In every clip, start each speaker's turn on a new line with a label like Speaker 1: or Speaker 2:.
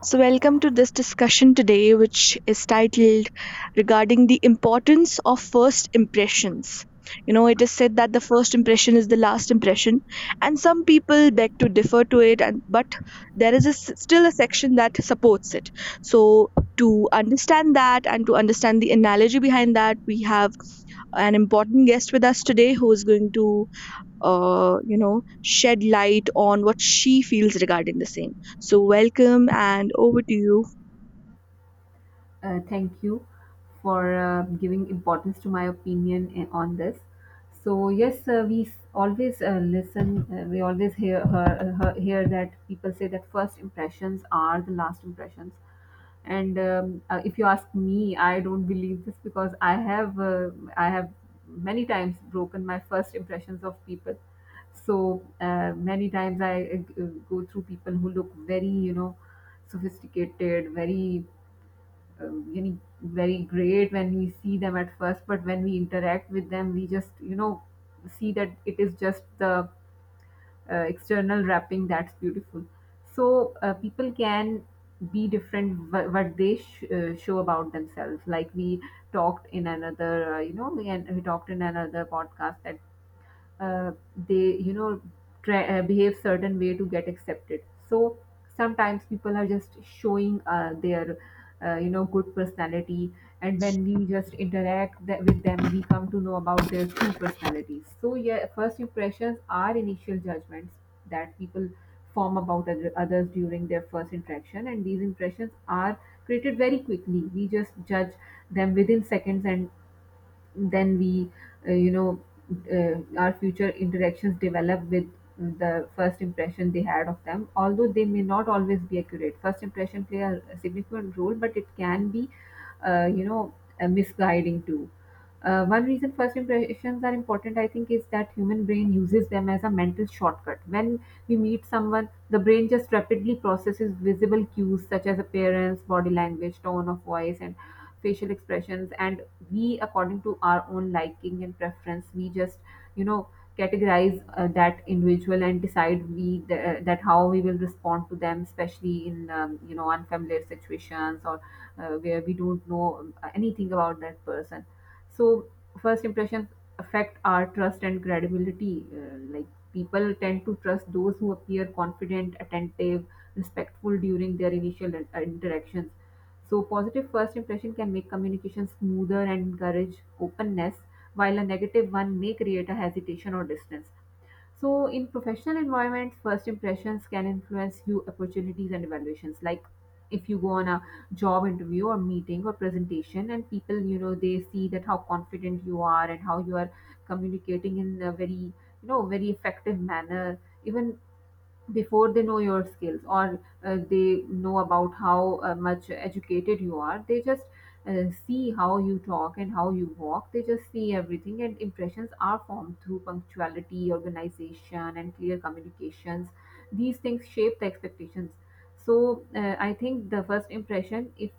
Speaker 1: So, welcome to this discussion today, which is titled regarding the importance of first impressions. You know, it is said that the first impression is the last impression, and some people beg to differ to it, and, but there is a s still a section that supports it. So, to understand that and to understand the analogy behind that, we have an important guest with us today who is going to you know, shed light on what she feels regarding the same. So, welcome and over to you.
Speaker 2: Thank you for giving importance to my opinion on this. So yes, we always listen. We always hear that people say that first impressions are the last impressions. And if you ask me, I don't believe this because I have many times broken my first impressions of people. So many times I go through people who look very, you know, sophisticated, very very great when we see them at first, but when we interact with them, we just, you know, see that it is just the external wrapping that's beautiful. So people can be different what they show about themselves. Like we talked in another, you know, we, and we talked in another podcast that uh, they, you know, behave certain way to get accepted. So sometimes people are just showing their you know, good personality, and when we just interact with them, we come to know about their true personalities. So yeah, first impressions are initial judgments that people form about others during their first interaction, and these impressions are created very quickly. We just judge them within seconds, and then we uh, you know our future interactions develop with the first impression they had of them. Although they may not always be accurate, first impression play a significant role, but it can be uh, you know misguiding too. One reason first impressions are important, I think, is that human brain uses them as a mental shortcut. When we meet someone, the brain just rapidly processes visible cues such as appearance, body language, tone of voice, and facial expressions, and we, according to our own liking and preference, we just, you know, categorize that individual and decide that how we will respond to them, especially in you know, unfamiliar situations or where we don't know anything about that person. So first impressions affect our trust and credibility. Like, people tend to trust those who appear confident, attentive, respectful during their initial interactions. So positive first impression can make communication smoother and encourage openness, while a negative one may create a hesitation or distance. So in professional environments, first impressions can influence you opportunities and evaluations. Like if you go on a job interview or meeting or presentation, and people, you know, they see that how confident you are and how you are communicating in a very, you know, very effective manner, even before they know your skills, or they know about how much educated you are, they just see how you talk and how you walk. They just see everything, and impressions are formed through punctuality, organization, and clear communications. These things shape the expectations. So I think the first impression, if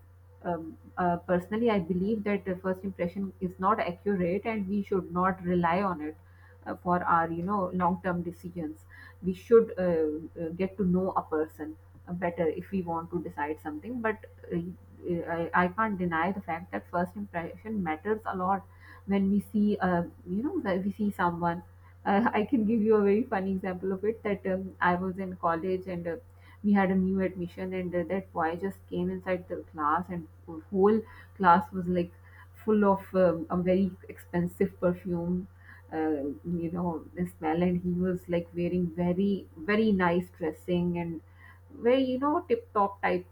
Speaker 2: personally, I believe that the first impression is not accurate and we should not rely on it for our, you know, long term decisions. We should get to know a person better if we want to decide something. But uh, I can't deny the fact that first impression matters a lot. When we see uh, you know when we see someone I can give you a very funny example of it, that I was in college, and we had a new admission, and that boy just came inside the class, and whole class was like full of a very expensive perfume uh, you know smell, and he was like wearing very, very nice dressing and very, you know, tip top type.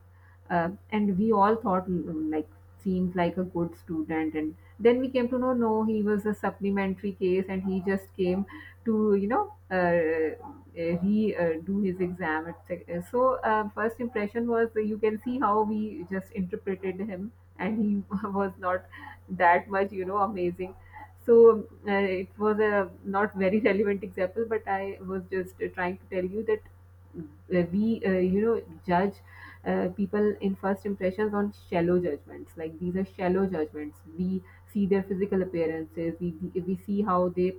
Speaker 2: And we all thought, like, seems like a good student. And then we came to know, no, he was a supplementary case, and he just came to, you know, re do his exam at so first impression was you can see how we just interpreted him, and he was not that much, you know, amazing. So it was a not very relevant example, but I was just trying to tell you that we, you know, judge people in first impressions on shallow judgments. Like, these are shallow judgments. We see their physical appearances. We see how they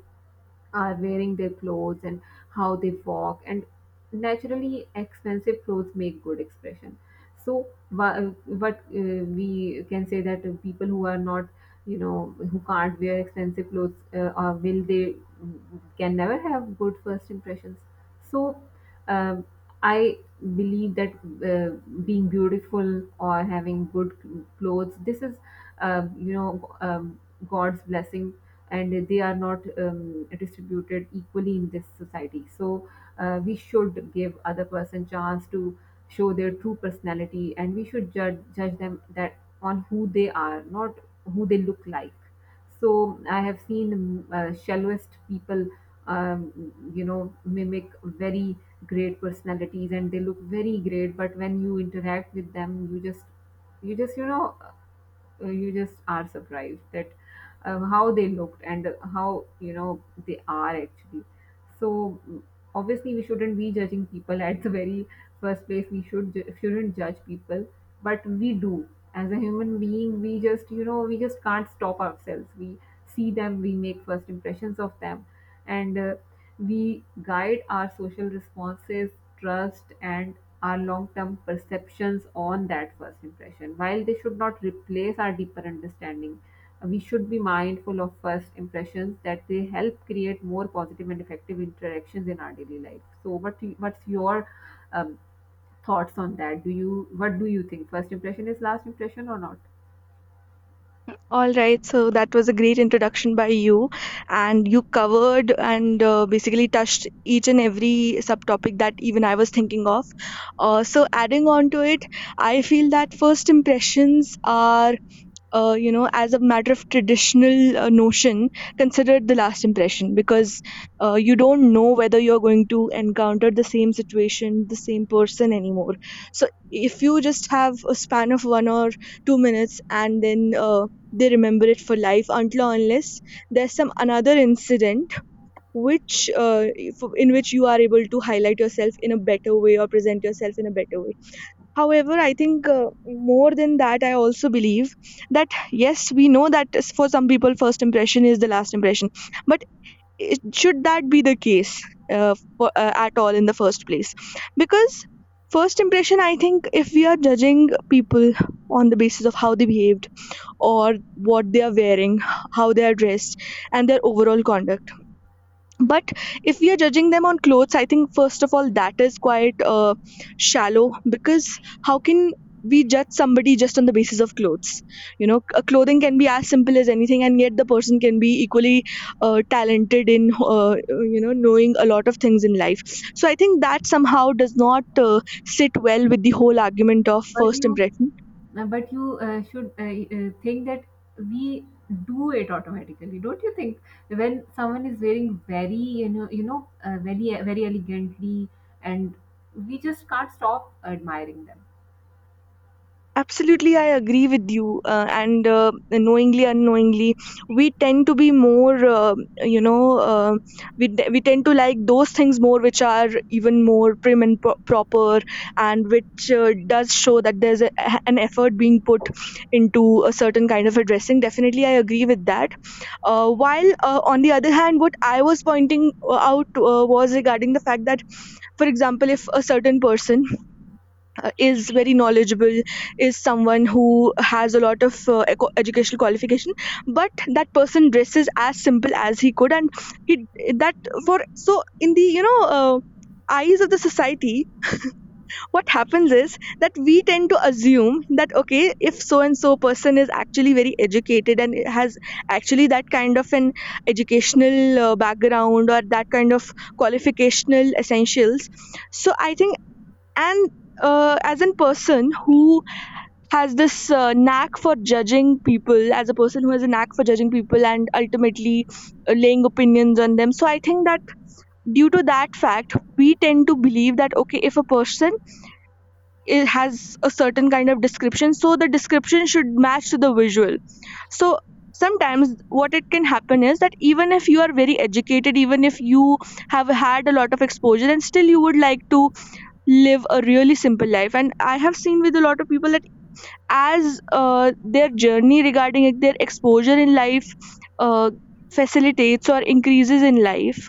Speaker 2: are wearing their clothes and how they walk, and naturally expensive clothes make good expression. So wha- what we can say that people who are not, you know, who can't wear expensive clothes, will they can never have good first impressions. So um, I believe that uh, being beautiful or having good clothes, this is uh, you know um, god's blessing, and they are not distributed equally in this society. So we should give other person chance to show their true personality, and we should judge them that on who they are, not who they look like. So I have seen shallowest people you know, mimic very great personalities, and they look very great, but when you interact with them, you just you know, you just are surprised that how they looked and how, you know, they are actually. So obviously we shouldn't be judging people at the very first place. We shouldn't judge people, but we do. As a human being, we just, you know, we just can't stop ourselves. We see them, we make first impressions of them, and we guide our social responses, trust, and our long-term perceptions on that first impression. While they should not replace our deeper understanding, we should be mindful of first impressions that they help create more positive and effective interactions in our daily life. So, what's your um, thoughts on that? Do you What do you think? First impression is last impression or not?
Speaker 1: All right, so that was a great introduction by you, and you covered and basically touched each and every subtopic that even I was thinking of. So, adding on to it, I feel that first impressions are you know, as a matter of traditional notion, considered the last impression because you don't know whether you're going to encounter the same situation, the same person anymore. So if you just have a span of 1 or 2 minutes, and then they remember it for life until or unless there's some another incident which in which you are able to highlight yourself in a better way or present yourself in a better way. However, I think more than that, I also believe that yes, we know that for some people, first impression is the last impression. But it, should that be the case for at all in the first place? Because first impression, I think, if we are judging people on the basis of how they behaved or what they are wearing, how they are dressed, and their overall conduct, but if we are judging them on clothes, I think first of all that is quite shallow, because how can we judge somebody just on the basis of clothes? You know, a clothing can be as simple as anything, and yet the person can be equally talented in you know, knowing a lot of things in life. So I think that somehow does not sit well with the whole argument of
Speaker 2: But
Speaker 1: first
Speaker 2: you
Speaker 1: impression.
Speaker 2: but you should think that we do it automatically, don't you think, when someone is wearing very, you know, very, very elegantly, and we just can't stop admiring them.
Speaker 1: Absolutely, I agree with you. And knowingly, unknowingly, we tend to be more, you know, uh, we tend to like those things more which are even more prim and proper, and which does show that there's a, an effort being put into a certain kind of a dressing. Definitely, I agree with that. While on the other hand, what I was pointing out was regarding the fact that, for example, if a certain person is very knowledgeable, is someone who has a lot of educational qualification, but that person dresses as simple as he could, and he that for so in the you know eyes of the society, what happens is that we tend to assume that okay, if so and so person is actually very educated and has actually that kind of an educational background or that kind of qualificational essentials. So I think, and as a person who has this knack for judging people, as a person who has a knack for judging people and ultimately laying opinions on them, so I think that due to that fact we tend to believe that okay, if a person has a certain kind of description, so the description should match to the visual. So sometimes what it can happen is that even if you are very educated, even if you have had a lot of exposure, and still you would like to live a really simple life. And I have seen with a lot of people that as their journey regarding like, their exposure in life uh, facilitates or increases in life,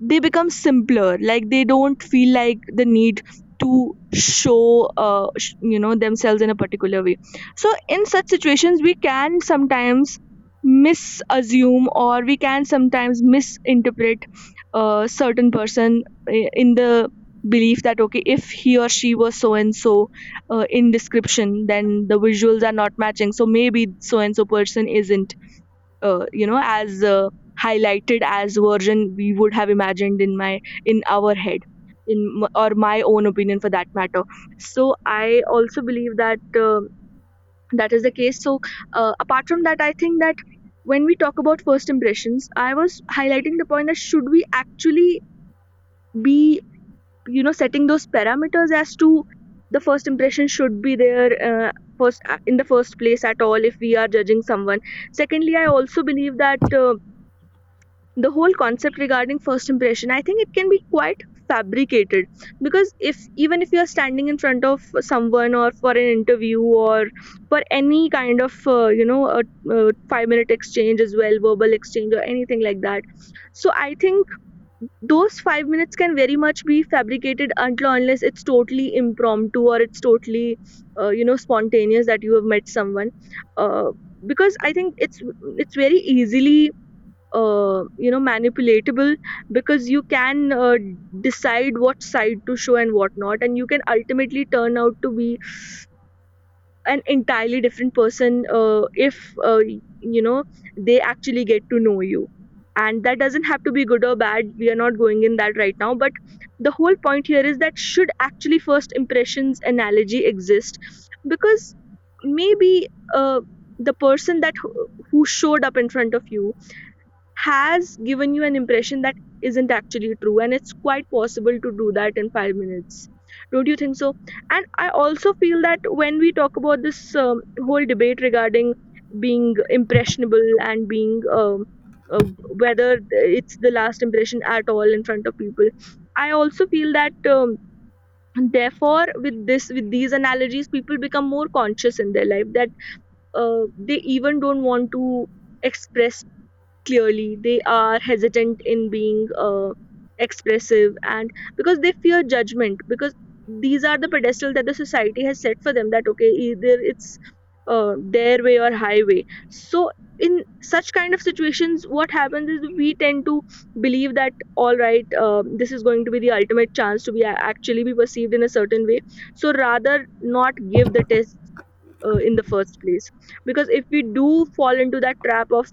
Speaker 1: they become simpler. Like they don't feel like the need to show you know, themselves in a particular way. So in such situations we can sometimes misassume, or we can sometimes misinterpret a certain person in the belief that okay, if he or she was so and so in description, then the visuals are not matching, so maybe so and so person isn't you know, as highlighted as version we would have imagined in my in our head in or my own opinion for that matter. So I also believe that uh, that is the case. So apart from that, I think that when we talk about first impressions, I was highlighting the point that should we actually be, you know, setting those parameters as to the first impression should be there first in the first place at all if we are judging someone. Secondly, I also believe that the whole concept regarding first impression, I think it can be quite fabricated. Because if even if you are standing in front of someone or for an interview or for any kind of you know, a 5-minute exchange as well, verbal exchange or anything like that, so I think those 5 minutes can very much be fabricated until unless it's totally impromptu or it's totally you know, spontaneous, that you have met someone. uh, because I think it's very easily you know, manipulatable, because you can decide what side to show and what not, and you can ultimately turn out to be an entirely different person if you know, they actually get to know you. And that doesn't have to be good or bad, we are not going in that right now, but the whole point here is that should actually first impressions analogy exist? Because maybe uh, the person that who showed up in front of you has given you an impression that isn't actually true, and it's quite possible to do that in 5 minutes, don't you think so? And I also feel that when we talk about this whole debate regarding being impressionable and being uh, whether it's the last impression at all in front of people, I also feel that therefore with this, with these analogies, people become more conscious in their life that they even don't want to express clearly. They are hesitant in being expressive, and because they fear judgment, because these are the pedestal that the society has set for them, that okay, either it's their way or highway. So in such kind of situations, what happens is we tend to believe that all right, this is going to be the ultimate chance to be actually be perceived in a certain way. So rather not give the test in the first place, because if we do fall into that trap of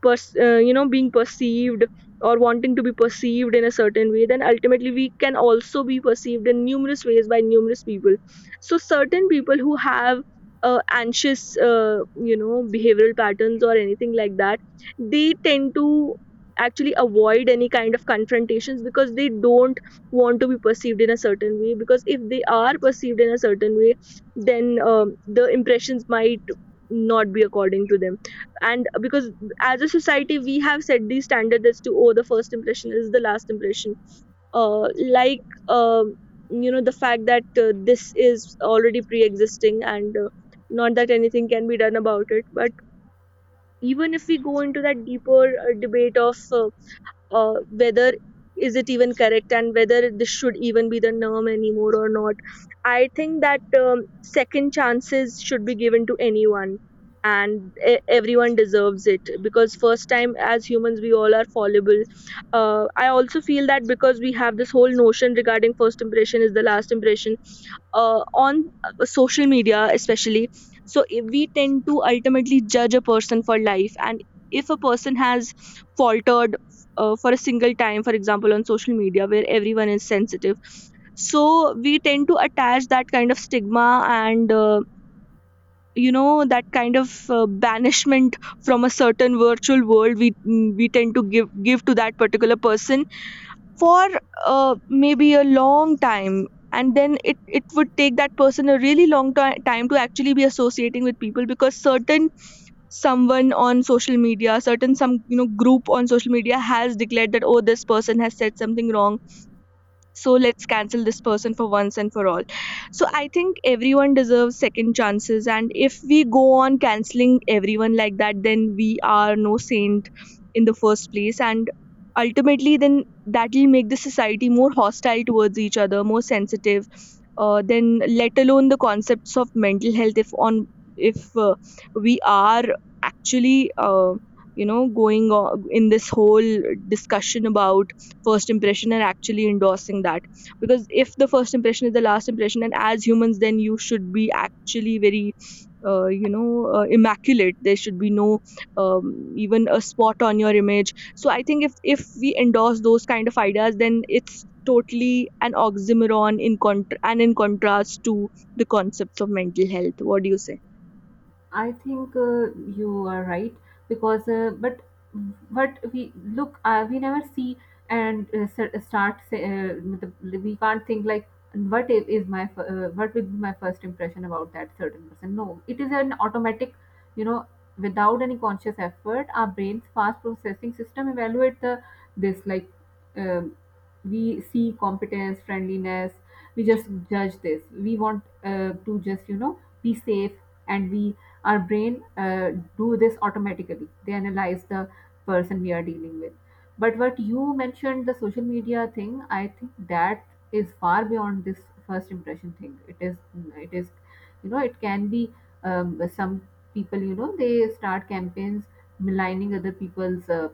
Speaker 1: you know, being perceived or wanting to be perceived in a certain way, then ultimately we can also be perceived in numerous ways by numerous people. So certain people who have anxious you know, behavioral patterns or anything like that, they tend to actually avoid any kind of confrontations because they don't want to be perceived in a certain way, because if they are perceived in a certain way, then the impressions might not be according to them. And because as a society we have set the standard as to oh, the first impression is the last impression, uh, like, um you know, the fact that this is already pre-existing, and not that anything can be done about it, but even if we go into that deeper debate of whether is it even correct, and whether this should even be the norm anymore or not. I think that second chances should be given to anyone, and everyone deserves it, because first time as humans we all are fallible. I also feel that because we have this whole notion regarding first impression is the last impression on social media especially, so we tend to ultimately judge a person for life. And if a person has faltered for a single time, for example on social media where everyone is sensitive, so we tend to attach that kind of stigma, and you know, that kind of banishment from a certain virtual world we tend to give to that particular person for maybe a long time. And then it would take that person a really long time to actually be associating with people, because certain someone on social media, certain some you know group on social media has declared that oh, this person has said something wrong, so let's cancel this person for once and for all. So I think everyone deserves second chances, and if we go on canceling everyone like that, then we are no saint in the first place. And ultimately then that will make the society more hostile towards each other, more sensitive. Then let alone the concepts of mental health, if on if we are actually going on in this whole discussion about first impression and actually endorsing that. Because if the first impression is the last impression and as humans, then you should be actually very immaculate, there should be no even a spot on your image. So I think if we endorse those kind of ideas, then it's totally an oxymoron in contra- and in contrast to the concepts of mental health. What do you say?
Speaker 2: I think you are right, because but we look, we never see and the- we can't think like, what what will be my first impression about that certain person? No, it is an automatic, you know, without any conscious effort, our brain's fast processing system evaluate the this like um, we see competence, friendliness. We just judge this. We want to just, you know, be safe, and we our brain do this automatically. They analyze the person we are dealing with. But what you mentioned, the social media thing, I think that is far beyond this first impression thing. It is, you know, it can be some people, you know, they start campaigns maligning other people's uh,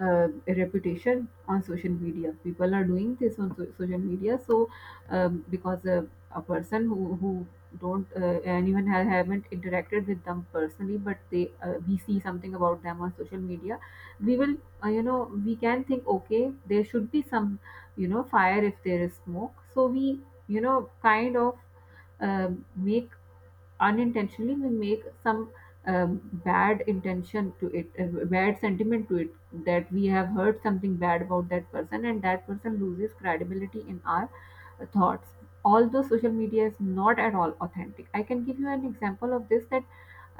Speaker 2: uh, reputation on social media. People are doing this on social media, so because a person who don't, anyone haven't interacted with them personally, but they, we see something about them on social media, we will you know, we can think, okay, there should be some, you know, fire if there is smoke. So we, you know, kind of uh, make, unintentionally we make some bad intention to it, bad sentiment to it, that we have heard something bad about that person, and that person loses credibility in our thoughts. Although social media is not at all authentic, I can give you an example of this, that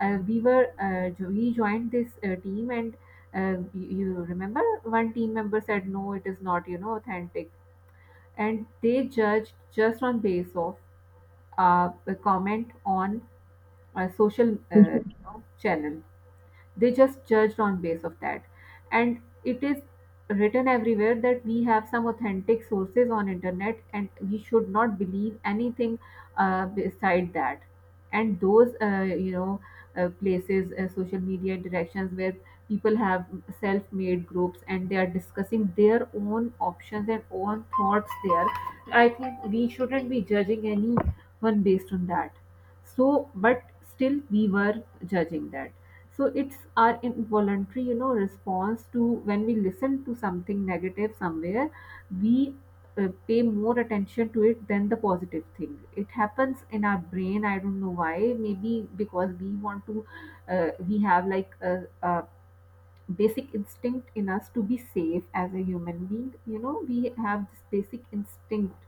Speaker 2: we joined this team and you remember one team member said no, it is not, you know, authentic, and they judged just on base of a comment on my social, you know, channel. They just judged on base of that. And it is written everywhere that we have some authentic sources on internet, and we should not believe anything beside that. And those places, social media interactions, where people have self-made groups and they are discussing their own options and own thoughts there, I think we shouldn't be judging anyone based on that. So but still, we were judging that. So it's our involuntary, you know, response to, when we listen to something negative somewhere, we pay more attention to it than the positive thing. It happens in our brain, I don't know why. Maybe because we want to, we have like a basic instinct in us to be safe. As a human being, you know, we have this basic instinct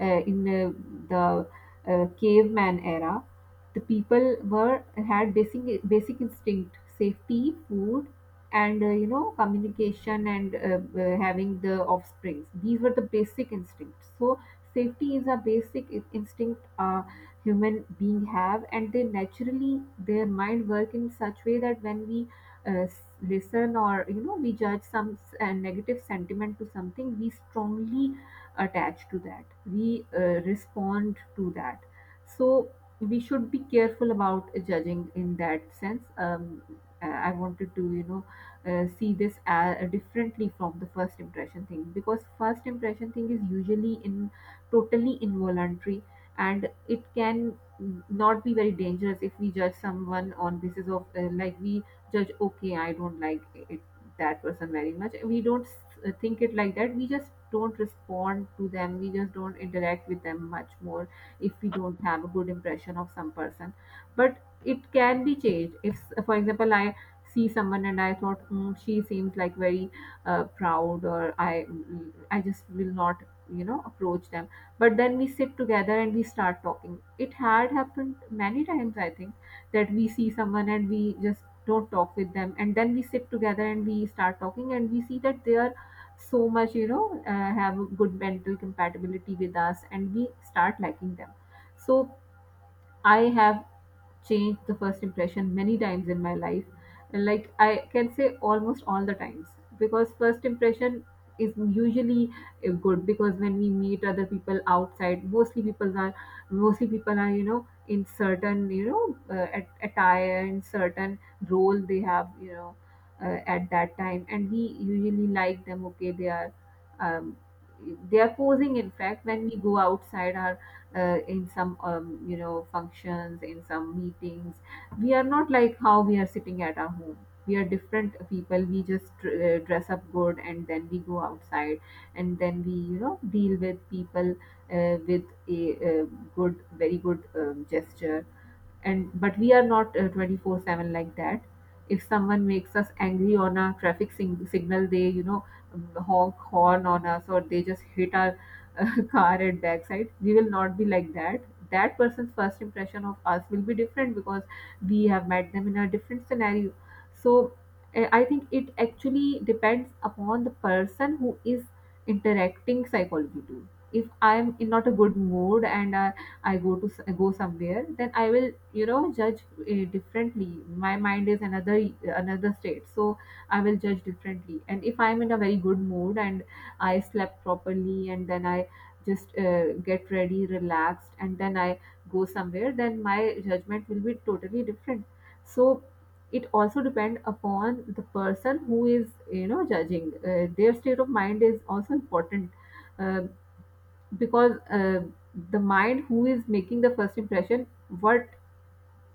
Speaker 2: in the caveman era, the people were, had basic instinct, safety, food, and, you know, communication, and having the offsprings, these were the basic instincts. So safety is a basic instinct a human being have, and they naturally, their mind work in such way that when we listen or, you know, we judge some negative sentiment to something, we strongly attach to that, we respond to that. So we should be careful about judging in that sense. I wanted to, you know, see this differently from the first impression thing, because first impression thing is usually in totally involuntary, and it can not be very dangerous if we judge someone on basis of, like we judge, okay, I don't like it, that person very much. We don't think it like that, we just don't respond to them, we just don't interact with them much more if we don't have a good impression of some person. But it can be changed if, for example, I see someone and I thought, she seems like very proud, or I just will not, you know, approach them. But then we sit together and we start talking. It had happened many times, I think, that we see someone and we just don't talk with them, and then we sit together and we start talking, and we see that they are so much, you know, have a good mental compatibility with us, and we start liking them. So I have changed the first impression many times in my life. Like I can say almost all the times, because first impression is usually good, because when we meet other people outside, mostly people are, mostly people are, you know, in certain, you know, attire and certain role they have, you know, at that time, and we usually like them. Okay, they are, um, they are posing. In fact, when we go outside, our in some, you know, functions, in some meetings, we are not like how we are sitting at our home. We are different people, we just dress up good and then we go outside, and then we, you know, deal with people uh, with a, uh good, very good, gesture. And but we are not, 24/7 like that. If someone makes us angry on a signal, they, you know, honk horn on us, or they just hit our car at backside, we will not be like that. That person's first impression of us will be different because we have met them in a different scenario. So I think it actually depends upon the person who is interacting, psychology too. If I'm in not a good mood and I go to go somewhere, then I will, you know, judge differently. My mind is another, another state, so I will judge differently. And if I'm in a very good mood and I slept properly, and then I just get ready, relaxed, and then I go somewhere, then my judgment will be totally different. So it also depends upon the person who is, you know, judging. Their state of mind is also important uh, because the mind who is making the first impression, what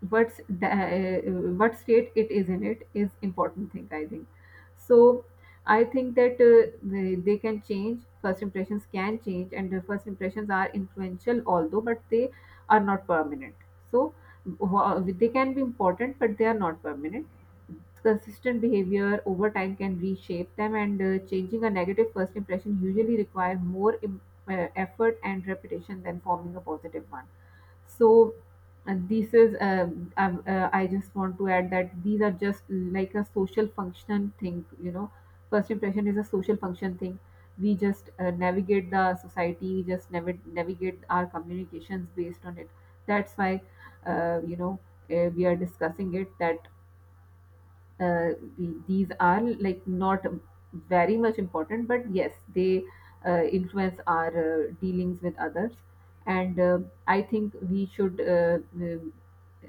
Speaker 2: what's the, uh, what state it is in, it is important thing, I think. So I think that, they can change, first impressions can change, and the first impressions are influential although, but they are not permanent. So they can be important but they are not permanent. Consistent behavior over time can reshape them, and changing a negative first impression usually require more effort and repetition than forming a positive one. So this is, I just want to add that these are just like a social function thing, you know. First impression is a social function thing. We just navigate the society, we just navigate our communications based on it. That's why, you know, we are discussing it, that uh, these are like not very much important, but yes, they influence our dealings with others. And I think we should, um,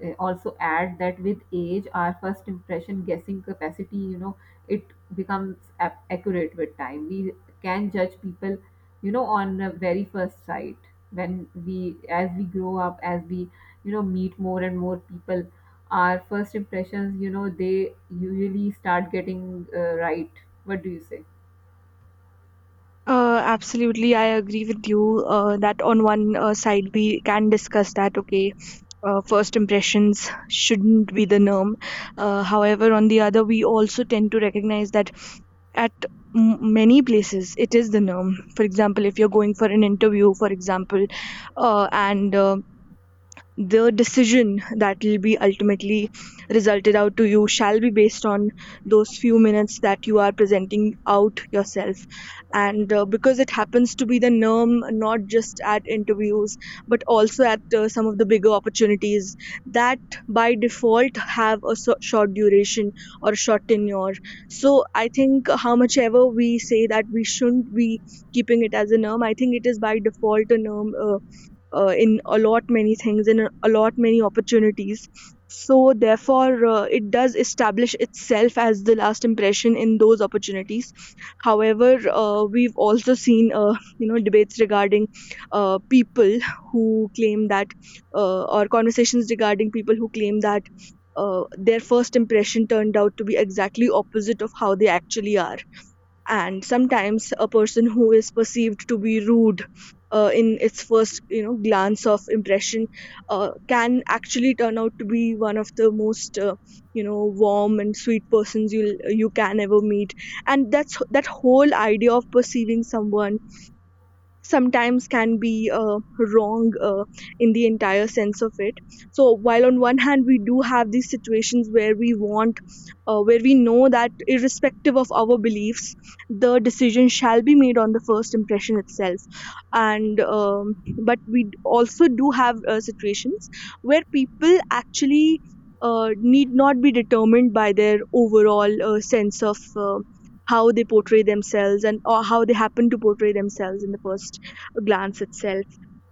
Speaker 2: also add that with age, our first impression guessing capacity, you know, it becomes accurate with time. We can judge people, you know, on a very first sight, when we, as we grow up, as we, you know, meet more and more people, our first impressions, you know, they usually start getting, right. What do you say?
Speaker 1: Absolutely, I agree with you that on one side we can discuss that, okay, first impressions shouldn't be the norm. However, on the other, we also tend to recognize that at many places it is the norm. For example, if you're going for an interview, for example, and the decision that will be ultimately resulted out to you shall be based on those few minutes that you are presenting out yourself. And because it happens to be the norm not just at interviews but also at some of the bigger opportunities that by default have a short duration or a short tenure. So I think how much ever we say that we shouldn't be keeping it as a norm, I think it is by default a norm, in a lot many things, in a lot many opportunities. So therefore, it does establish itself as the last impression in those opportunities. However, we've also seen you know debates regarding people who claim that or conversations regarding people who claim that their first impression turned out to be exactly opposite of how they actually are. And sometimes a person who is perceived to be rude, in its first, you know, glance of impression, can actually turn out to be one of the most warm and sweet persons you can ever meet. And that's that whole idea of perceiving someone sometimes can be wrong in the entire sense of it. So while on one hand we do have these situations where we want, where we know that irrespective of our beliefs the decision shall be made on the first impression itself, and but we also do have situations where people actually need not be determined by their overall sense of how they portray themselves, and or how they happen to portray themselves in the first glance itself.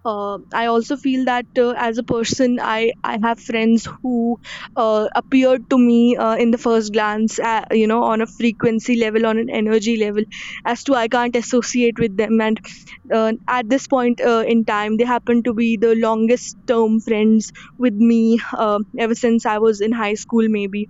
Speaker 1: Uh, I also feel that as a person, I have friends who appeared to me in the first glance, you know, on a frequency level, on an energy level, as to I can't associate with them, and at this point in time they happen to be the longest term friends with me, ever since I was in high school maybe.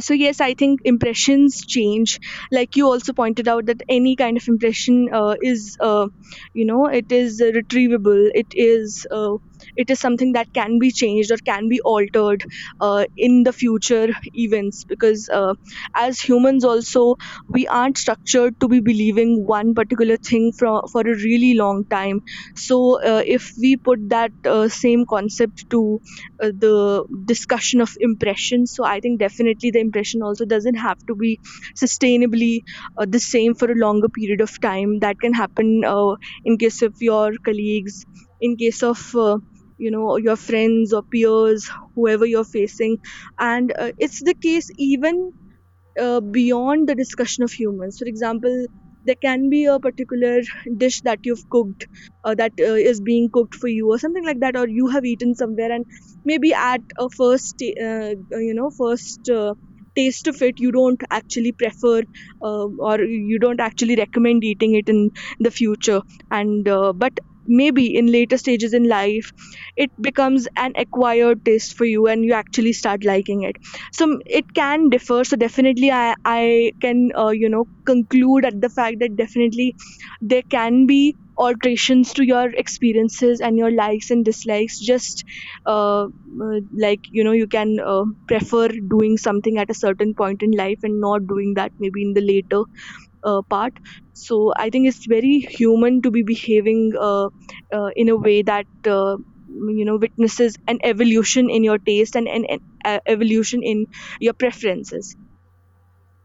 Speaker 1: So yes, I think impressions change, like you also pointed out, that any kind of impression is you know it is, retrievable, it is, it is something that can be changed or can be altered in the future events. Because as humans also, we aren't structured to be believing one particular thing for a really long time. So if we put that same concept to the discussion of impressions, so I think definitely the impression also doesn't have to be sustainably the same for a longer period of time. That can happen in case of your colleagues, in case of you know, your friends or peers, whoever you're facing. And it's the case even beyond the discussion of humans. For example, there can be a particular dish that you've cooked, that is being cooked for you, or something like that, or you have eaten somewhere, and maybe at a first, first. Taste of it you don't actually prefer, or you don't actually recommend eating it in the future. And but maybe in later stages in life it becomes an acquired taste for you and you actually start liking it. So it can differ. So definitely I can, you know, conclude at the fact that definitely there can be alterations to your experiences and your likes and dislikes, just uh, uh, like you know, you can prefer doing something at a certain point in life and not doing that maybe in the later part. So I think it's very human to be behaving in a way that you know witnesses an evolution in your taste, and an evolution in your preferences.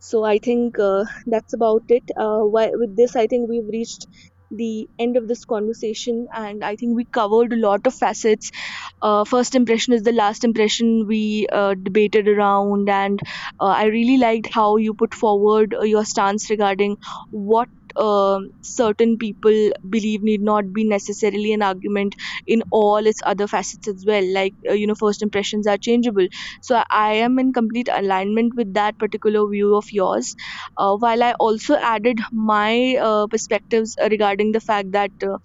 Speaker 1: So I think that's about it. Uh, why, with this, I think we've reached the end of this conversation, and I think we covered a lot of facets. Uh, first impression is the last impression, we debated around. And I really liked how you put forward your stance regarding what, um, certain people believe need not be necessarily an argument in all its other facets as well, like you know first impressions are changeable. So I am in complete alignment with that particular view of yours. Uh, while I also added my perspectives regarding the fact that uh,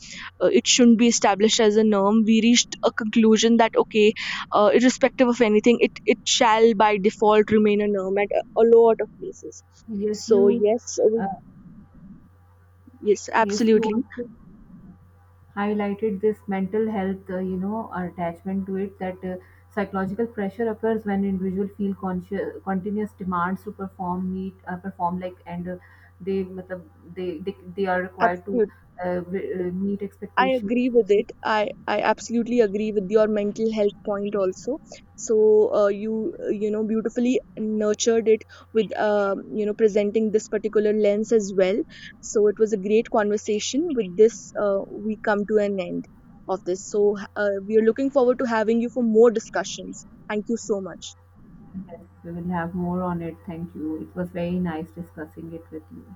Speaker 1: uh, it shouldn't be established as a norm. We reached a conclusion that okay, irrespective of anything, it shall by default remain a norm at a lot of places.
Speaker 2: Yes,
Speaker 1: So
Speaker 2: you.
Speaker 1: yes,
Speaker 2: Uh,
Speaker 1: yes,
Speaker 2: yes, you
Speaker 1: absolutely.
Speaker 2: also highlighted this mental health, you know, attachment to it, that psychological pressure occurs when individual feel conscious, continuous demands to perform, meet, perform like, and matlab, they are required to
Speaker 1: Absolutely,
Speaker 2: meet
Speaker 1: I
Speaker 2: expectations.
Speaker 1: agree with it. I absolutely agree with your mental health point also. So you you know beautifully nurtured it with, you know, presenting this particular lens as well. So it was a great conversation. With this, we come to an end of this. So we are looking forward to having you for more discussions. Thank you so much.
Speaker 2: Yes, we will have more on it. Thank you. It was very nice discussing it with you.